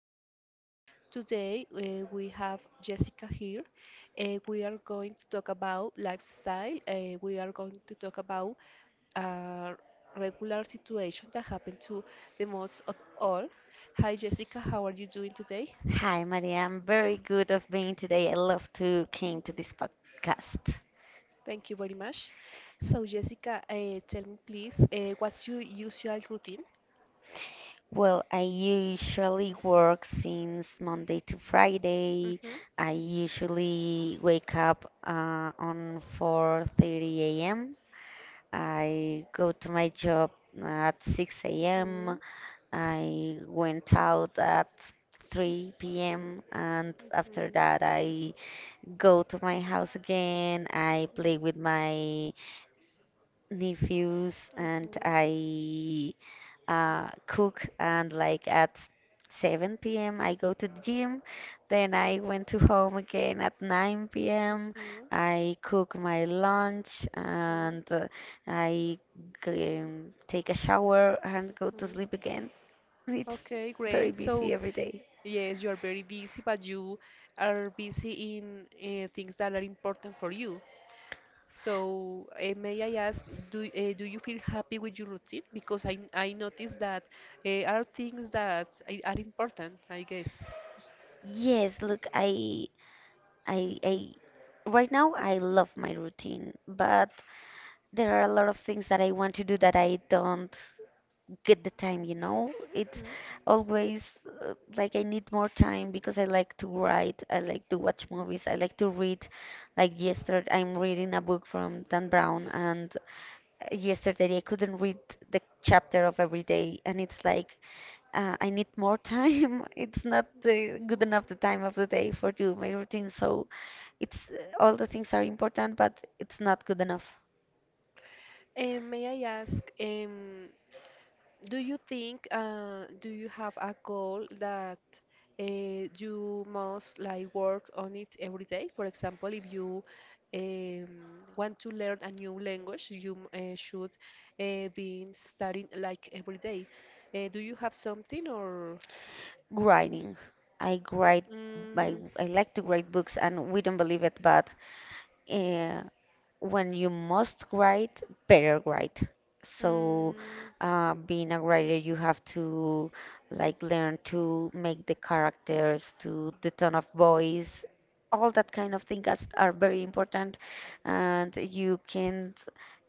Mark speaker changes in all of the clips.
Speaker 1: podcast. Today we have Jessica here. We are going to talk about lifestyle. We are going to talk about a regular situation that happened to the most of all. Hi, Jessica, how are you doing today?
Speaker 2: Hi, Maria. I'm very good of being today. I love to came to this podcast.
Speaker 1: Thank you very much. So, Jessica, tell me please, what's your usual routine?
Speaker 2: Well, I usually work since Monday to Friday.
Speaker 1: hmm
Speaker 2: I usually wake up on 4:30 a.m. I go to my job at 6 a.m.
Speaker 1: Mhm.
Speaker 2: I went out at 3 p.m. and after
Speaker 1: Mhm.
Speaker 2: that I go to my house again. I play with my nephews
Speaker 1: Mhm.
Speaker 2: and
Speaker 1: Mhm. Mhm.
Speaker 2: I cook and like at 7 p.m. I go to the gym. Then I went to home again at 9 p.m.
Speaker 1: Mhm.
Speaker 2: I cook my lunch and I take a shower and go to
Speaker 1: Mhm.
Speaker 2: sleep again. It's
Speaker 1: Okay,
Speaker 2: very
Speaker 1: great. So,
Speaker 2: busy every day.
Speaker 1: yes, you are very busy, but you are busy in things that are important for you. So, may I ask, do do you feel happy with your routine? Because I noticed that are things that are important, I guess.
Speaker 2: Yes, look, I, I, right now I love my routine, but there are a lot of things that I want to do that I don't get the time, you know? It's
Speaker 1: Mhm.
Speaker 2: always like I need more time because I like to write, I like to watch movies, I like to read. Like yesterday, I'm reading a book from Dan Brown, and yesterday I couldn't read the chapter of every day, and it's like I need more time. It's not
Speaker 1: Mm.
Speaker 2: good enough the time of the day for do my routine, so it's all the things are important, but it's not good enough.
Speaker 1: May I ask, do you think, do you have a goal that uh, you must like work on it every day? For example, if you um, want to learn a new language, you should be studying like every day. Do you have something or?
Speaker 2: Writing. I write. I,
Speaker 1: Mm,
Speaker 2: I like to write books, and we don't believe it, but uh, when you must write, better write. So,
Speaker 1: mm,
Speaker 2: being a writer, you have to like learn to make the characters, to the tone of voice, all that kind of things are very important, and you can't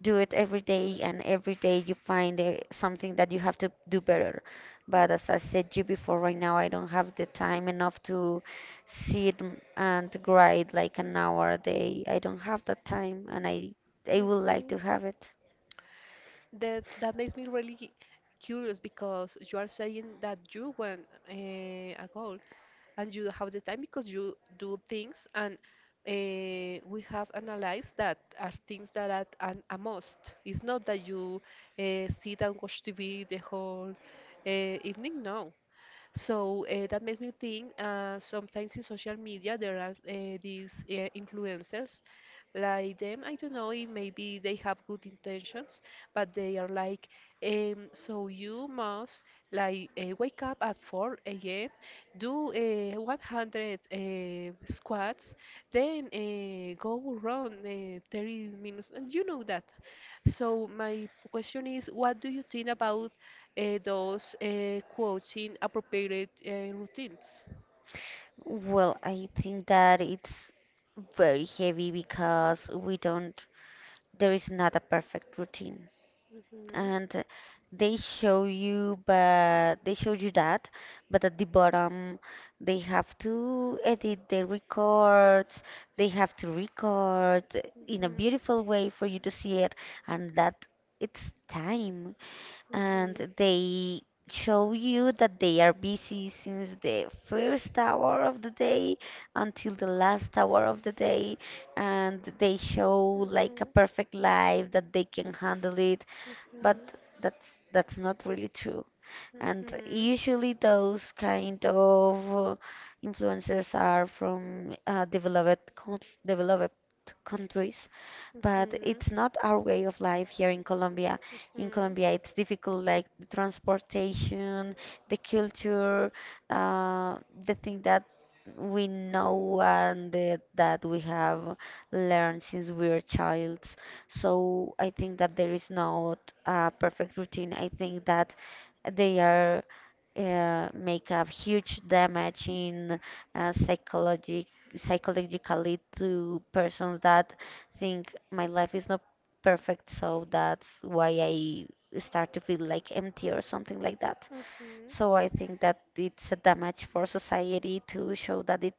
Speaker 2: do it every day. And every day you find something that you have to do better. But as I said you before, right now I don't have the time enough to sit and write like an hour a day. I don't have that time and I would
Speaker 1: mhm.
Speaker 2: like to have it.
Speaker 1: That makes me really curious because you are saying that you want uh, a goal and you have the time because you do things and we have analyzed that are things that are a must. It's not that you sit and watch TV the whole evening. No, so that makes me think sometimes in social media there are these influencers like them. I don't know if maybe they have good intentions, but they are like, so you must like wake up at 4 a.m., do 100 squats, then go run 30 minutes. And You know that. So my question is, what do you think about those quoting appropriate routines?
Speaker 2: Well, I think that it's very heavy because we don't there is not a perfect routine.
Speaker 1: hmm
Speaker 2: And they show you but they show you that, but at the bottom they have to edit the records, they have to record in a
Speaker 1: hmm
Speaker 2: beautiful way for you to see it and that it's time and they show you that they are busy since the first hour of the day until the last hour of the day and they show like a perfect life that they can handle it but that's not really true
Speaker 1: Mhm,
Speaker 2: and
Speaker 1: mhm,
Speaker 2: usually those kind of influencers are from developed countries but
Speaker 1: mhm,
Speaker 2: it's not our way of life here in Colombia. In Colombia, it's difficult, like the transportation, the culture, uh, the thing that we know and that we have learned since we were childs. So I think that there is not a perfect routine. I think that they are make a huge damage in uh, psychologic psychologically to persons that think my life is not perfect, so that's why I start to feel like empty or something like that.
Speaker 1: mhm,
Speaker 2: So I think that it's a damage for society to show that it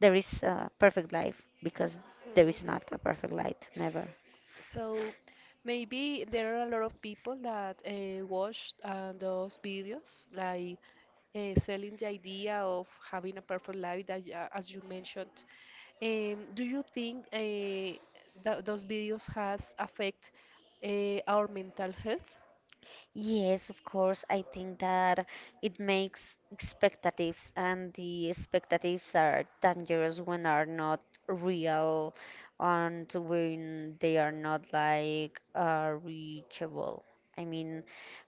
Speaker 2: there is a perfect life because
Speaker 1: mhm,
Speaker 2: there
Speaker 1: mhm.
Speaker 2: is not a perfect life, never.
Speaker 1: So maybe there are a lot of people that watch those videos, like selling the idea of having a perfect life, that, as you mentioned. Do you think that those videos has affect our mental health?
Speaker 2: Yes, of course. I think that it makes expectatives, and the expectatives are dangerous when are not real and when they are not like reachable. I mean,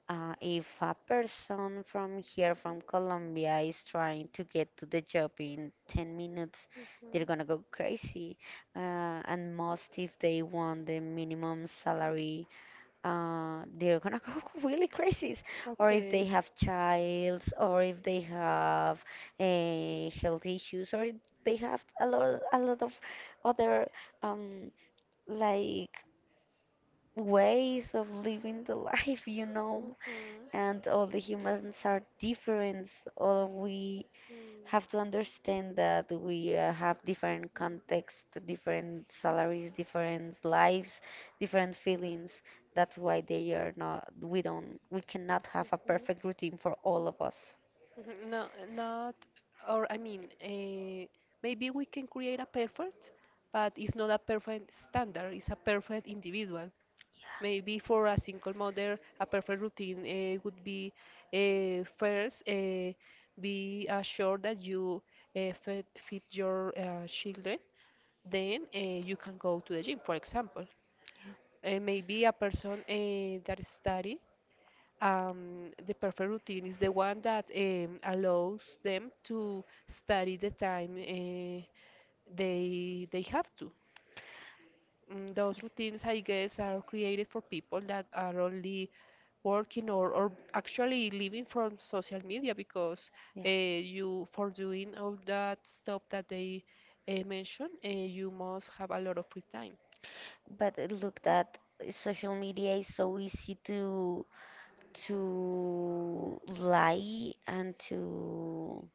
Speaker 2: if a person from here, from Colombia, is trying to get to the job in 10 minutes, they're gonna go crazy. And most if they want the minimum salary they're gonna go really crazy. Or if they
Speaker 1: Okay.
Speaker 2: have childs, or if they have health issues, or if they have a lot of other um, like ways of living the life, you know.
Speaker 1: hmm
Speaker 2: And all the humans are different. All we have to understand that we have different contexts, different salaries, different lives, different feelings. That's why they are not, we don't, we cannot have a perfect routine for all of us.
Speaker 1: Mhm. No, not, or I mean, maybe we can create a perfect, but it's not a perfect standard, it's a perfect individual. Maybe for a single mother, a perfect routine would be first, be assured that you fit your children, then you can go to the gym, for example. Maybe a person that study the perfect routine is the one that allows them to study the time they have to. Mm, those routines, I guess, are created for people that are only working or actually living from social media because
Speaker 2: Yeah.
Speaker 1: you for doing all that stuff that they mentioned, you must have a lot of free time.
Speaker 2: But look that social media is so easy to lie and to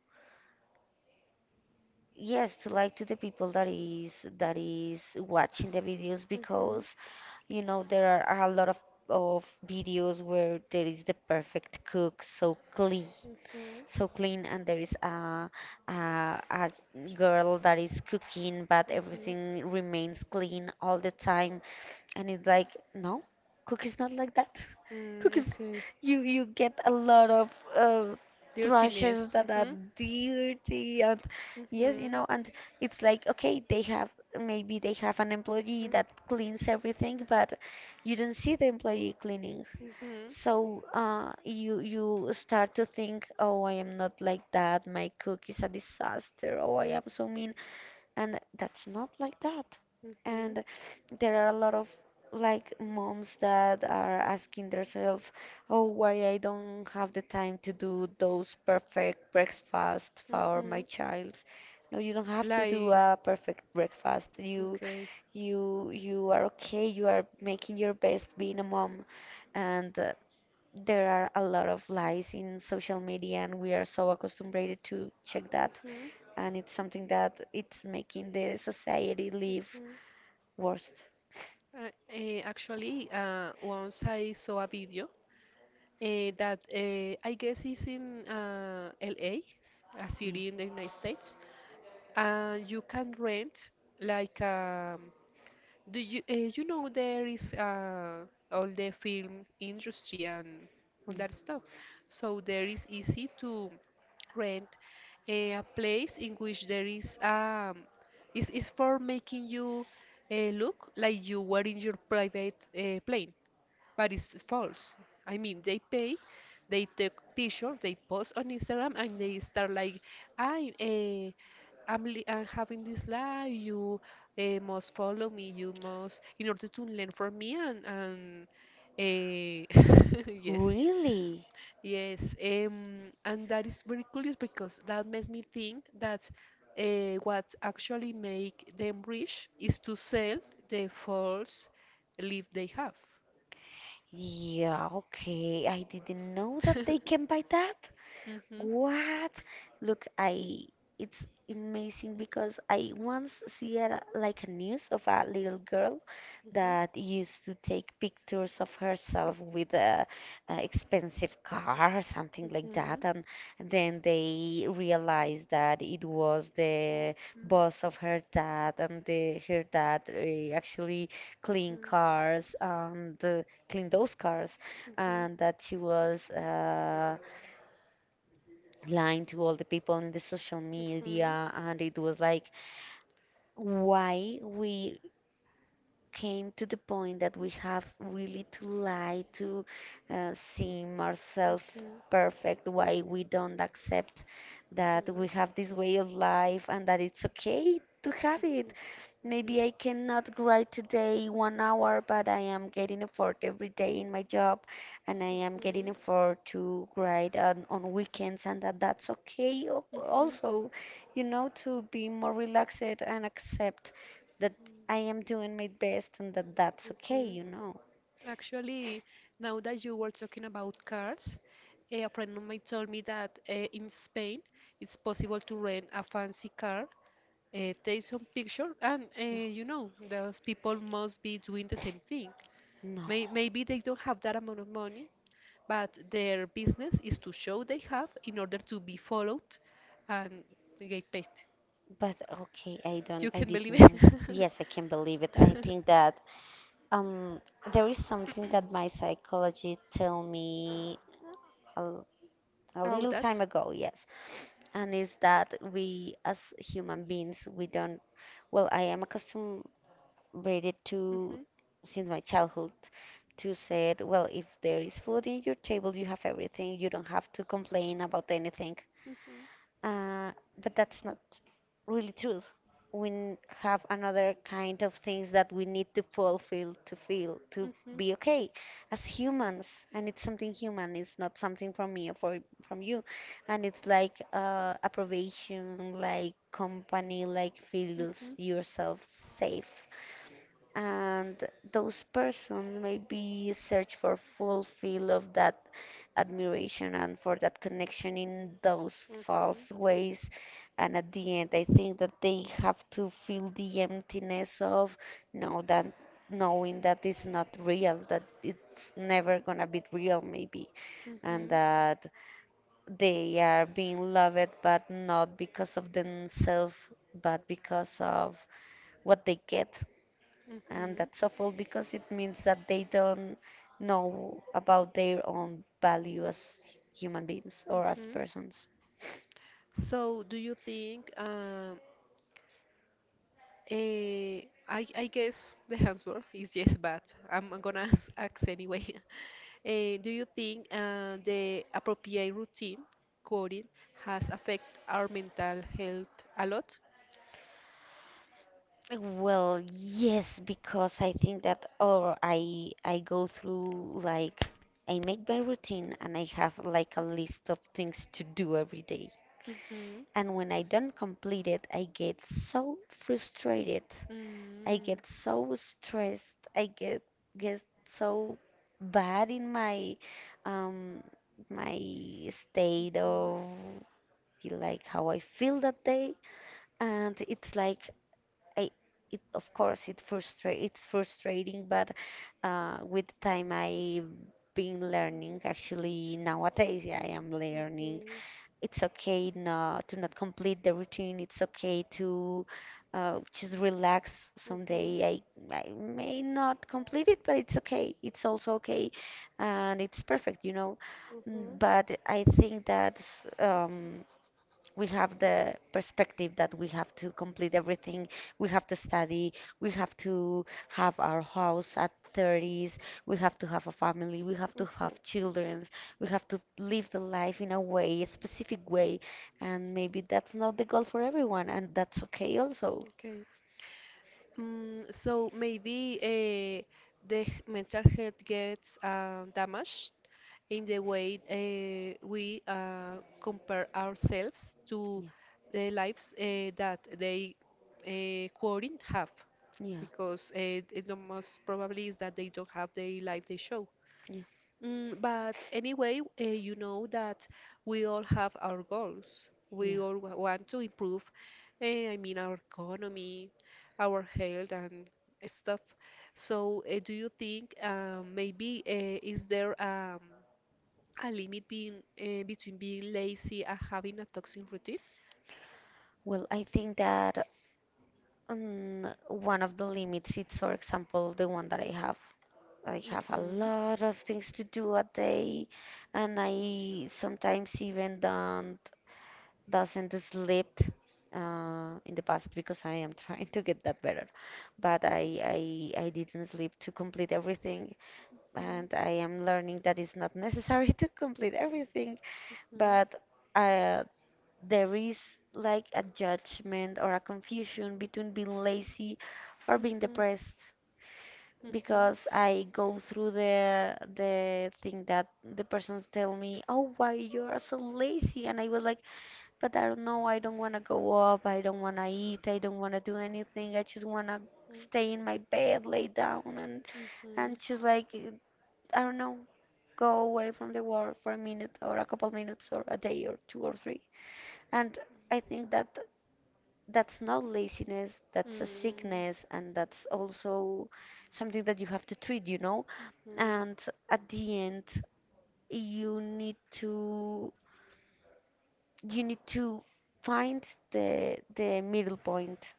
Speaker 2: yes, to like to the people that is watching the videos
Speaker 1: hmm
Speaker 2: because you know there are a lot of videos where there is the perfect cook,
Speaker 1: hmm
Speaker 2: so clean, and there is a girl that is cooking, but
Speaker 1: Mhm.
Speaker 2: everything remains clean all the time, and it's like, no, cookies not like that.
Speaker 1: Mm,
Speaker 2: Cookies,
Speaker 1: okay.
Speaker 2: you get a lot of trashes
Speaker 1: Dirtiness.
Speaker 2: that are
Speaker 1: Mhm.
Speaker 2: dirty and yes, you
Speaker 1: Mhm.
Speaker 2: know, and it's like okay, they have maybe they have an employee
Speaker 1: Mhm.
Speaker 2: that cleans everything, but you don't see the employee cleaning.
Speaker 1: Mhm.
Speaker 2: So you start to think, oh, I am not like that. My cook is a disaster. Oh, I am so mean and that's not like that
Speaker 1: Mhm.
Speaker 2: and there are a lot of like moms that are asking themselves, oh, why I don't have the time to do those perfect breakfasts for my
Speaker 1: Mhm.
Speaker 2: child, no, you don't have to do
Speaker 1: Like
Speaker 2: a perfect breakfast, you
Speaker 1: okay.
Speaker 2: you you are okay, you are making your best being a mom and there are a lot of lies in social media and we are so accustomed to check that
Speaker 1: Mhm.
Speaker 2: and it's something that it's making the society live
Speaker 1: Mm.
Speaker 2: worse.
Speaker 1: Actually, once I saw a video that I guess is in LA, a
Speaker 2: Yeah.
Speaker 1: city in the United States, and you can rent like do you you know there is all the film industry and all
Speaker 2: Yeah.
Speaker 1: that stuff. So there is easy to rent a place in which there is is for making you look like you were in your private plane but it's false. I mean, they pay, they take picture, they post on Instagram, and they start like, I, eh, I'm having this life. You must follow me. You must, in order to learn from me, and eh, yes,
Speaker 2: Really?
Speaker 1: yes. And that is very curious because that makes me think that what actually make them rich is to sell the false life they have.
Speaker 2: Yeah, okay. I didn't know that they can buy that.
Speaker 1: Mhm.
Speaker 2: What? Look, I it's amazing because I once see a, like a news of a little girl
Speaker 1: Mhm.
Speaker 2: that used to take pictures of herself with a, expensive car or something like
Speaker 1: Mhm.
Speaker 2: that, and then they realized that it was the
Speaker 1: Mhm.
Speaker 2: boss of her dad, and the her dad actually clean cars and clean those cars, and that she was. Lying to all the people in the social
Speaker 1: Mhm.
Speaker 2: media and it was like
Speaker 1: Mhm.
Speaker 2: why we came to the point that we have really to lie to seem
Speaker 1: Mhm.
Speaker 2: ourselves
Speaker 1: Mhm.
Speaker 2: perfect, why we don't accept that we have this way of life and that it's okay to have it.
Speaker 1: Mhm.
Speaker 2: Maybe I cannot write today one hour, but I am getting effort every day in my job, and I am getting
Speaker 1: Mhm.
Speaker 2: effort to write on weekends, and that's okay also, you know, to be more relaxed and accept that
Speaker 1: Mhm.
Speaker 2: I am doing my best and that's
Speaker 1: Mhm.
Speaker 2: okay,
Speaker 1: Mhm.
Speaker 2: you know.
Speaker 1: Actually, now that you were talking about cars, a friend of mine told me that in Spain it's possible to rent a fancy car, take some picture, and you know, those people must be doing the same thing.
Speaker 2: No.
Speaker 1: Maybe they don't have that amount of money, but their business is to show they have in order to be followed and get paid.
Speaker 2: But okay, I don't
Speaker 1: You
Speaker 2: I
Speaker 1: can believe
Speaker 2: didn't know that.
Speaker 1: it?
Speaker 2: Yes, I can believe it. I think that um, there is something that my psychology tell me a, a
Speaker 1: How
Speaker 2: little time
Speaker 1: that?
Speaker 2: ago, yes. And is that we as human beings we don't well, I am accustomed rated to
Speaker 1: Mhm.
Speaker 2: since my childhood to said, well, if there is food in your table, you have everything. You don't have to complain about anything.
Speaker 1: Mhm.
Speaker 2: Uh, but that's not really true. We have another kind of things that we need to fulfill to feel to
Speaker 1: Mhm.
Speaker 2: be okay as humans, and it's something human. It's not something from me or from you, and it's like approbation, like company, like feels
Speaker 1: Mhm.
Speaker 2: yourself safe and those person maybe search for fulfil of that admiration and for that connection in those
Speaker 1: Mhm.
Speaker 2: false ways and at the end I think that they have to feel the emptiness of know that knowing that it's not real, that it's never gonna be real maybe, and
Speaker 1: Mhm.
Speaker 2: that they are being loved but not because of themselves but because of what they get, and
Speaker 1: Mhm.
Speaker 2: that's awful because it means that they don't know about their own value as human beings or as
Speaker 1: Mhm.
Speaker 2: persons.
Speaker 1: So, do you think? Eh, I guess the answer is yes, but I'm gonna ask, ask anyway. Do you think the appropriate routine, coding, has affected our mental health a lot?
Speaker 2: Well, yes, because I think that or I go through like I make my routine and I have like a list of things to do every day.
Speaker 1: hmm
Speaker 2: And when I don't complete it, I get so frustrated, I get so stressed. I get so bad in my um, my state
Speaker 1: Mm-hmm.
Speaker 2: of like how I feel that day, and it's like I it of course it frustrate it's frustrating, but with time I been learning, actually nowadays yeah, I am learning it's okay not to not complete the routine. It's okay to just relax
Speaker 1: Mm-hmm.
Speaker 2: someday. I may not complete it, but it's okay. It's also okay, and it's perfect, you know.
Speaker 1: Mm-hmm.
Speaker 2: Mm, but I think that um, we have the perspective that we have to complete everything, we have to study, we have to have our house at 30s, we have to have a family, we have to
Speaker 1: Mm-hmm.
Speaker 2: have children, we have to live the life in a specific way, and maybe that's not the goal for everyone and that's okay also.
Speaker 1: Okay. Mm, so maybe the mental health gets damaged in the way we compare ourselves to
Speaker 2: Yeah.
Speaker 1: the lives that they quoting have,
Speaker 2: Yeah.
Speaker 1: because the most probably is that they don't have the life they show.
Speaker 2: Yeah.
Speaker 1: Mm, but anyway, you know that we all have our goals. We
Speaker 2: Yeah,
Speaker 1: all want to improve, I mean, our economy, our health, and stuff. So, do you think maybe is there a limit being, between being lazy and having a toxic routine?
Speaker 2: well I think that one of the limits is for example the one that I have. I have a
Speaker 1: Mm-hmm.
Speaker 2: lot of things to do a day, and I sometimes even don't doesn't sleep in the past because I am trying to get that better. But I didn't sleep to complete everything, and I am
Speaker 1: Mm-hmm.
Speaker 2: learning that it's not necessary to complete everything. But uh, there is like a judgment or a confusion between being lazy or being
Speaker 1: Mm-hmm.
Speaker 2: depressed because I go through the thing that the persons tell me, "Oh, why you are so lazy?" And I was like, "But I don't know. I don't want to go up. I don't want
Speaker 1: Mm-hmm.
Speaker 2: to eat. I don't want to do anything. I just want to stay in my bed, lay down, and and just like I don't know, go away from the world for a minute or a couple minutes or a day or two or three." And I think that that's not laziness, that's a
Speaker 1: Mm.
Speaker 2: sickness, and that's also something that you have to treat, you know.
Speaker 1: Mhm. Mm.
Speaker 2: And at the end you need to you need to find the middle point.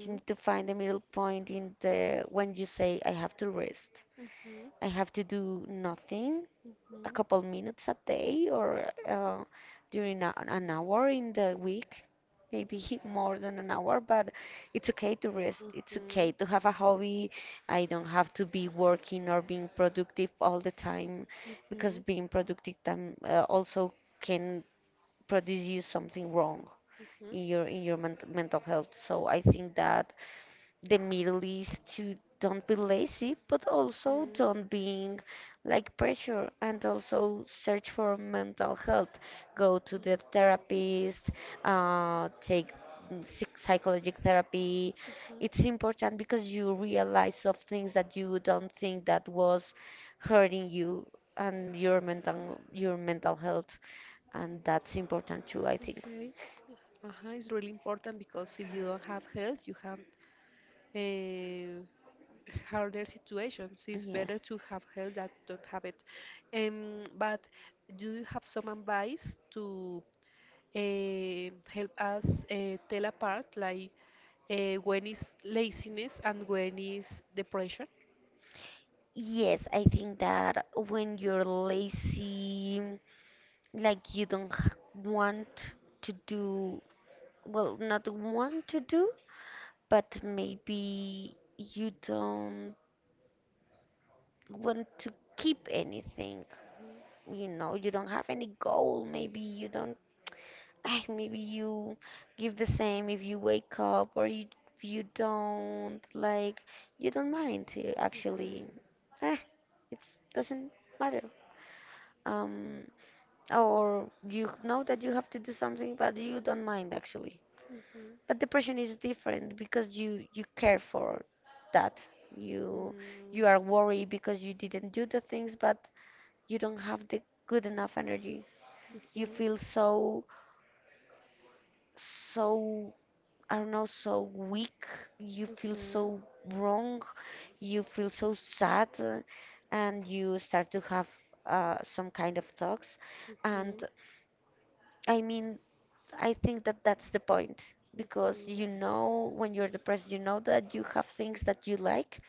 Speaker 2: You need to find the middle point in the when you say I have to rest,
Speaker 1: Mhm.
Speaker 2: I have to do nothing, a
Speaker 1: Mhm.
Speaker 2: couple minutes a day, or during an hour in the week, maybe more than an hour. But it's okay to rest. It's okay
Speaker 1: Mhm.
Speaker 2: to have a hobby. I don't have to be working or being productive all the time, because
Speaker 1: Mhm.
Speaker 2: being productive time also can produce you something wrong
Speaker 1: Mhm.
Speaker 2: in
Speaker 1: Mhm.
Speaker 2: your mental health. So I think that the middle is to don't be
Speaker 1: hmm
Speaker 2: lazy but also
Speaker 1: hmm
Speaker 2: don't being like pressure, and also search for mental health, go to the therapist, take psychological therapy. It's important because you realize of things that you don't think that was hurting you and your mental health, and that's important too, I think.
Speaker 1: Okay. Uh-huh. It's really important because if you don't have health, you have uh, harder situations. It's
Speaker 2: Yes.
Speaker 1: better to have help that don't have it. But do you have some advice to help us tell apart, like when is laziness and when is depression?
Speaker 2: Yes, I think that when you're lazy, like you don't want to do, well, not want to do, but maybe you don't want to keep anything. You know, you don't have any goal. Maybe you don't, ah, maybe you give the same if you wake up or you, if you don't, like, you don't mind to, actually, eh, it doesn't matter. Um, or you know that you have to do something but you don't mind actually.
Speaker 1: Mhm.
Speaker 2: But depression is different because you care for that, you
Speaker 1: Mm,
Speaker 2: you are worried because you didn't do the things, but you don't have the good enough energy.
Speaker 1: mhm,
Speaker 2: You
Speaker 1: mhm,
Speaker 2: feel so so I don't know, so weak. You feel so wrong. You feel so sad. And you start to have some kind of thoughts. And
Speaker 1: mhm,
Speaker 2: I mean I think that that's the point, because
Speaker 1: mhm,
Speaker 2: you know when you're depressed, you know that you have things that you like,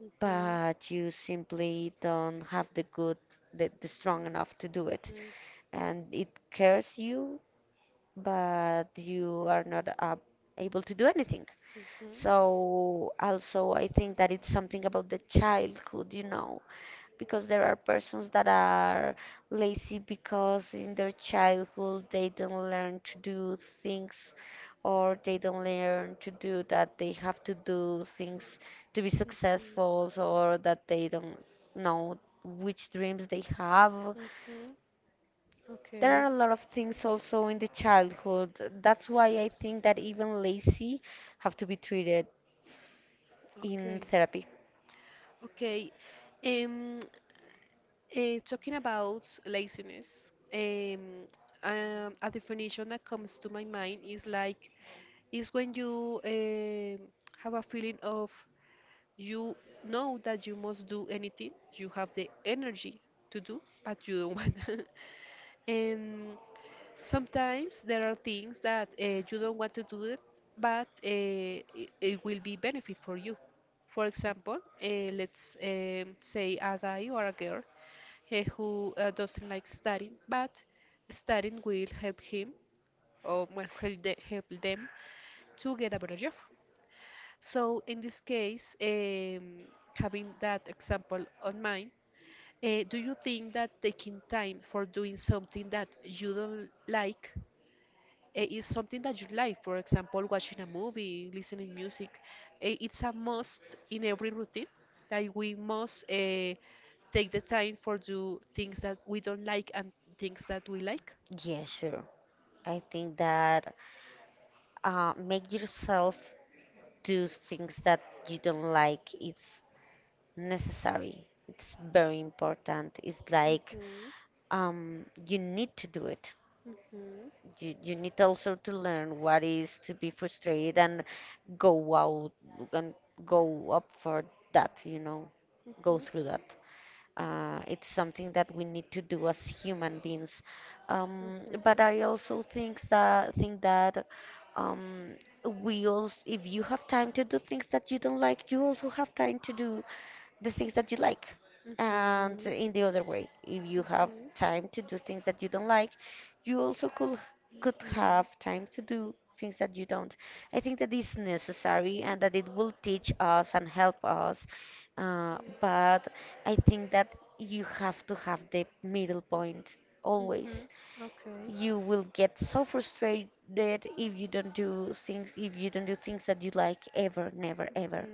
Speaker 1: mhm,
Speaker 2: but you simply don't have the good, the strong enough to do it. And it cares you, but you are not able to do anything.
Speaker 1: mhm,
Speaker 2: So also I think that it's something about the childhood, you know, because there are persons that are lazy because in their childhood they don't learn to do things, or they don't learn to do that they have to do things to be
Speaker 1: mhm, mhm.
Speaker 2: successful, or that they don't know which dreams they have.
Speaker 1: Mm-hmm.
Speaker 2: There are
Speaker 1: Okay.
Speaker 2: a lot of things also in the childhood. That's why I think that even lazy have to be treated in
Speaker 1: Okay.
Speaker 2: therapy.
Speaker 1: Okay. Um, talking about laziness, a definition that comes to my mind is like is when you have a feeling of you know that you must do anything, you have the energy to do, but you don't want. And sometimes there are things that you don't want to do it, but it, it will be benefit for you. For example, let's say a guy or a girl who doesn't like studying, but studying will help him or will help, the, help them to get a better job. So in this case, having that example on mind, do you think that taking time for doing something that you don't like it is something that you like, for example, watching a movie, listening music. It's a must in every routine that we must take the time for do things that we don't like and things that we like.
Speaker 2: Yeah, sure. I think that make yourself do things that you don't like it's necessary, it's very important. It's like
Speaker 1: Mhm,
Speaker 2: you need to do it.
Speaker 1: mhm, mhm,
Speaker 2: You need also to learn what is to be frustrated and go out and go up for that, you know, go
Speaker 1: mhm,
Speaker 2: through that. It's something that we need to do as human beings. But I also think that um, we also, if you have time to do things that you don't like, you also have time to do the things that you like.
Speaker 1: mhm,
Speaker 2: And
Speaker 1: mhm,
Speaker 2: in the other way, if you have
Speaker 1: mhm,
Speaker 2: time to do things that you don't like, you also could have time to do things that you don't. I think that is necessary, and that it will teach us and help us. But I think that you have to have the middle point always.
Speaker 1: mhm. Okay.
Speaker 2: You will get so frustrated if you don't do things that you like ever, never, ever.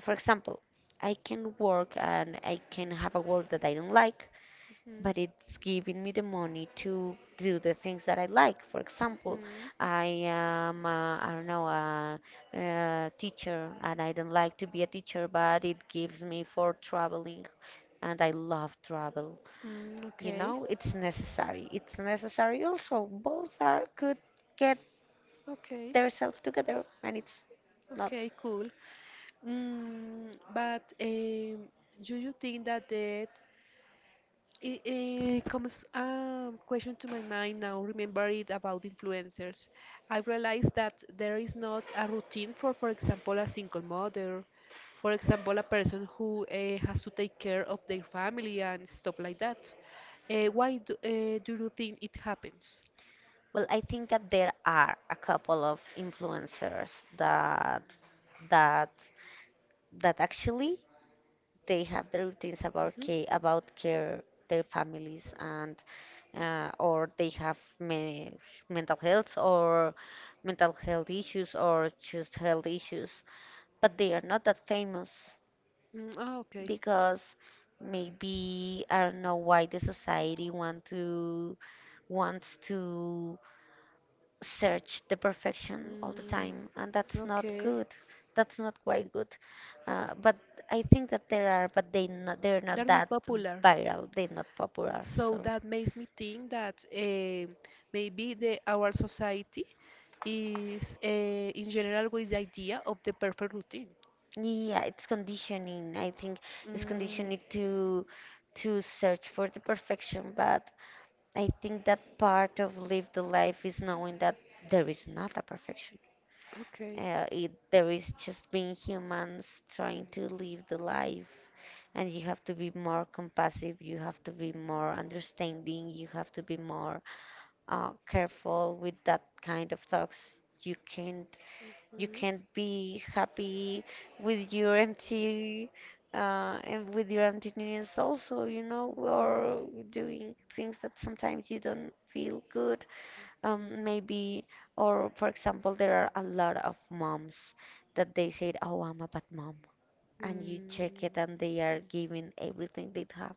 Speaker 2: For example, I can work and I can have a work that I don't like, but it's
Speaker 1: Mm-hmm.
Speaker 2: giving me the money to do the things that I like. For example,
Speaker 1: Mhm.
Speaker 2: I am, I don't know, a teacher, and I don't like to be a teacher, but it gives me for traveling, and I love travel.
Speaker 1: Mm,
Speaker 2: You
Speaker 1: okay.
Speaker 2: know, it's necessary. It's necessary also. Both are could get
Speaker 1: Okay.
Speaker 2: themselves together, and it's not.
Speaker 1: Okay, cool. Mm, but do you think that the it, it comes a question to my mind now, remember it about influencers. I realized that there is not a routine for example, a single mother, for example, a person who has to take care of their family and stuff like that. Do you think it happens?
Speaker 2: Well, I think that there are a couple of influencers that that that actually they have their routines about
Speaker 1: Mhm.
Speaker 2: care their families, and or they have mental health or mental health issues or just health issues, but they are not that famous
Speaker 1: Mm, ah, okay.
Speaker 2: because maybe I don't know why the society wants to search the perfection all the
Speaker 1: Mm,
Speaker 2: time, and that's not
Speaker 1: okay.
Speaker 2: good, that's not quite good. But I think that there are, but they not, they're not
Speaker 1: They're
Speaker 2: that
Speaker 1: not popular.
Speaker 2: viral, they're not popular.
Speaker 1: So
Speaker 2: So
Speaker 1: that makes me think that maybe the our society is in general with the idea of the perfect routine.
Speaker 2: yeah, it's conditioning, I think. It's
Speaker 1: Mm,
Speaker 2: conditioning to search for the perfection, but I think that part of live the life is knowing that there is not a perfection.
Speaker 1: okay.
Speaker 2: There is just being humans trying to live the life, and you have to be more compassionate, you have to be more understanding, you have to be more careful with that kind of thoughts. You can't you can't be happy with your empty and with your emptiness also, you know,
Speaker 1: Mhm.
Speaker 2: or doing things that sometimes you don't feel good.
Speaker 1: Mhm.
Speaker 2: Maybe, or for example, there are a lot of moms that they said, "Oh, I'm a bad mom," and you check
Speaker 1: Mm,
Speaker 2: it and they are giving everything they have,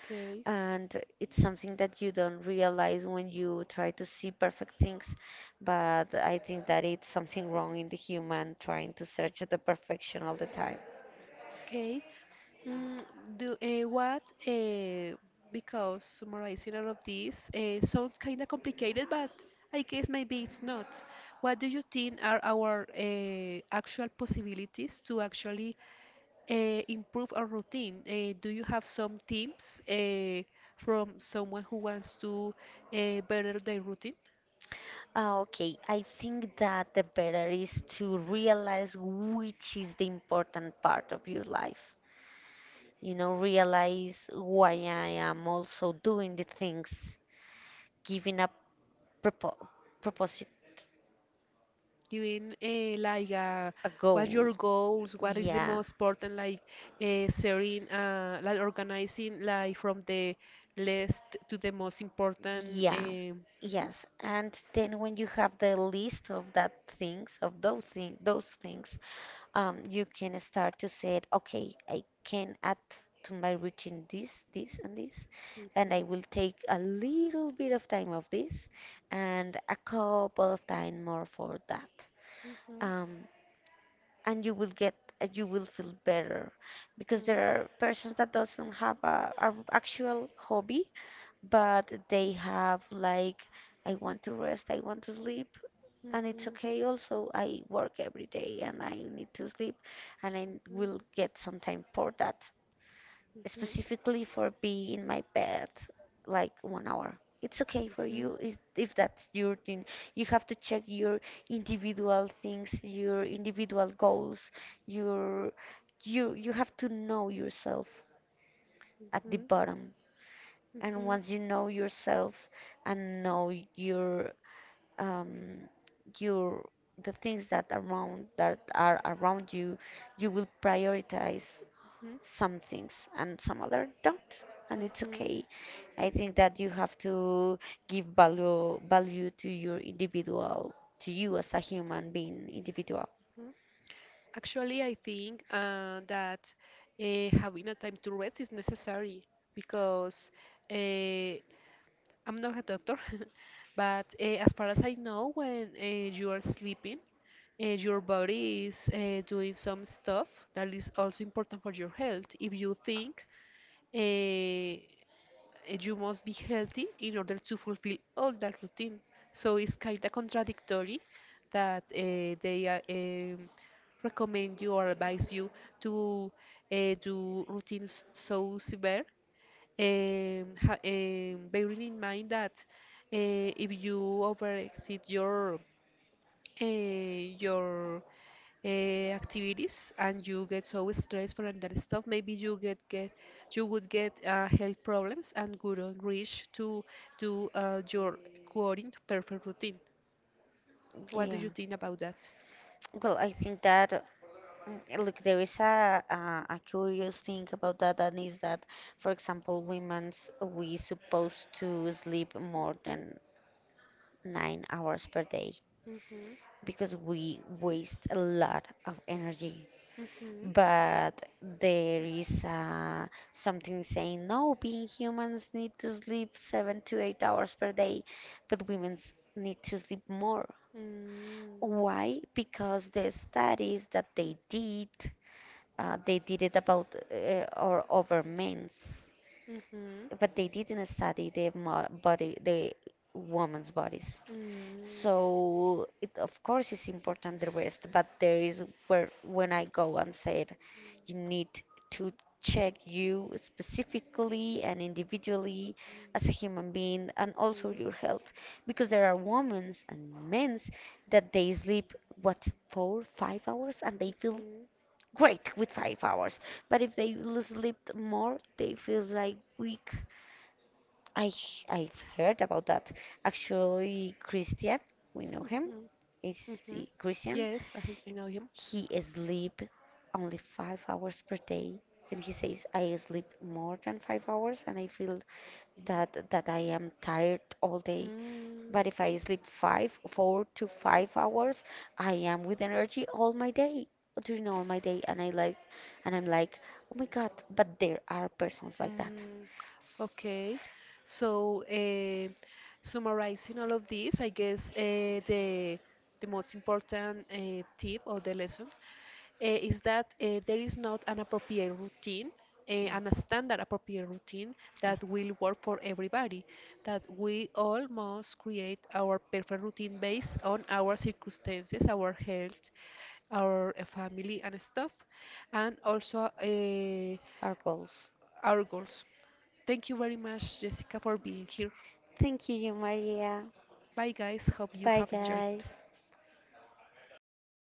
Speaker 1: okay.
Speaker 2: and it's something that you don't realize when you try to see perfect things. But I think that it's something wrong in the human trying to search the perfection all the time.
Speaker 1: Okay. Mm, do what? Because summarizing all of this sounds kind of complicated, but I guess maybe it's not. What do you think are our actual possibilities to actually uh, improve our routine? Do you have some tips from someone who wants to better their routine?
Speaker 2: Ah, okay, I think that the better is to realize which is the important part of your life. You know, realize why I am also doing the things, giving a propo proposite,
Speaker 1: Even like
Speaker 2: a
Speaker 1: what
Speaker 2: goal.
Speaker 1: your goals? What is the
Speaker 2: Yeah,
Speaker 1: most important like sharing, like organizing like from the list to the most important.
Speaker 2: yeah,
Speaker 1: Mhm,
Speaker 2: yes. And then when you have the list of that things, of those things, you can start to say, okay, I can add to my routine this, this, and this,
Speaker 1: mhm, mhm,
Speaker 2: and
Speaker 1: mhm,
Speaker 2: I will take a
Speaker 1: mhm,
Speaker 2: little bit of time of this, and a couple of time more for that. um, and you will get you will feel better, because there are persons that doesn't have a actual hobby, but they have like, I want to rest, I want to sleep. And it's
Speaker 1: mhm,
Speaker 2: okay also, I work every day and I need to sleep, and I will get some time for that, specifically for being in my bed like 1 hour. It's okay for you if that's your thing. You have to check your individual things, your individual goals, your you have to know yourself
Speaker 1: mhm,
Speaker 2: at the
Speaker 1: mhm, mhm,
Speaker 2: bottom. And once you know yourself and know your um your the things that around that are around you, you will prioritize
Speaker 1: mhm,
Speaker 2: some things and some other don't, and it's
Speaker 1: mhm,
Speaker 2: okay. I think that you have to give value to your individual, to you as a human being individual.
Speaker 1: mhm. Actually, I think that having a time to rest is necessary because uh, I'm not a doctor, but as far as I know, when you are sleeping, your body is doing some stuff that is also important for your health. If you think, uh, you must be healthy in order to fulfill all that routine. So it's kind of contradictory that they um, recommend you or advise you to do routines so severe, bearing in mind that if you over exceed your activities and you get so stressed for that stuff, maybe you get you would get health problems and wouldn't reach to do your quoting perfect routine. What do
Speaker 2: Yeah,
Speaker 1: you think about that?
Speaker 2: well, I think that look, there is a curious thing about that, and is that for example women's we supposed to sleep more than 9 hours per day
Speaker 1: Mm-hmm.
Speaker 2: because we waste a lot of energy.
Speaker 1: Mm-hmm.
Speaker 2: But there is something saying, no, being humans need to sleep 7 to 8 hours per day, but women need to sleep more.
Speaker 1: Mm,
Speaker 2: Why? Because the studies that they did it about, or over men's,
Speaker 1: mhm,
Speaker 2: but they didn't study the body, the women's bodies.
Speaker 1: mm, mhm,
Speaker 2: So it of course is important the rest, but there is where when I go and said you need to check you specifically and individually as a human being and also your health, because there are women and men's that they sleep what, 4 5 hours, and they feel great with 5 hours, but if they sleep more they feel like weak. I've heard about that. Actually, Christian, we know
Speaker 1: mm,
Speaker 2: him.
Speaker 1: mhm,
Speaker 2: Is
Speaker 1: mhm.
Speaker 2: the Christian.
Speaker 1: Yes, I know him.
Speaker 2: He sleep only 5 hours per day, and he says I sleep more than 5 hours, and I feel that I am tired all day.
Speaker 1: Mm.
Speaker 2: But if I sleep 4 to 5 hours, I am with energy all my day, during all my day, and I like, and I'm like, oh my God! But there are persons like that.
Speaker 1: Mm,
Speaker 2: S-
Speaker 1: okay. So, summarizing all of this, I guess the most important tip of the lesson is that there is not an appropriate routine
Speaker 2: Yeah,
Speaker 1: and a standard appropriate routine
Speaker 2: yeah,
Speaker 1: that will work for everybody. That we all must create our perfect routine based on our circumstances, our health, our family, and stuff, and also
Speaker 2: our goals.
Speaker 1: our goals. Thank you very much, Jessica, for being here.
Speaker 2: Thank you, Maria.
Speaker 1: Bye, guys. Hope you
Speaker 2: Bye,
Speaker 1: have enjoyed.
Speaker 2: guys.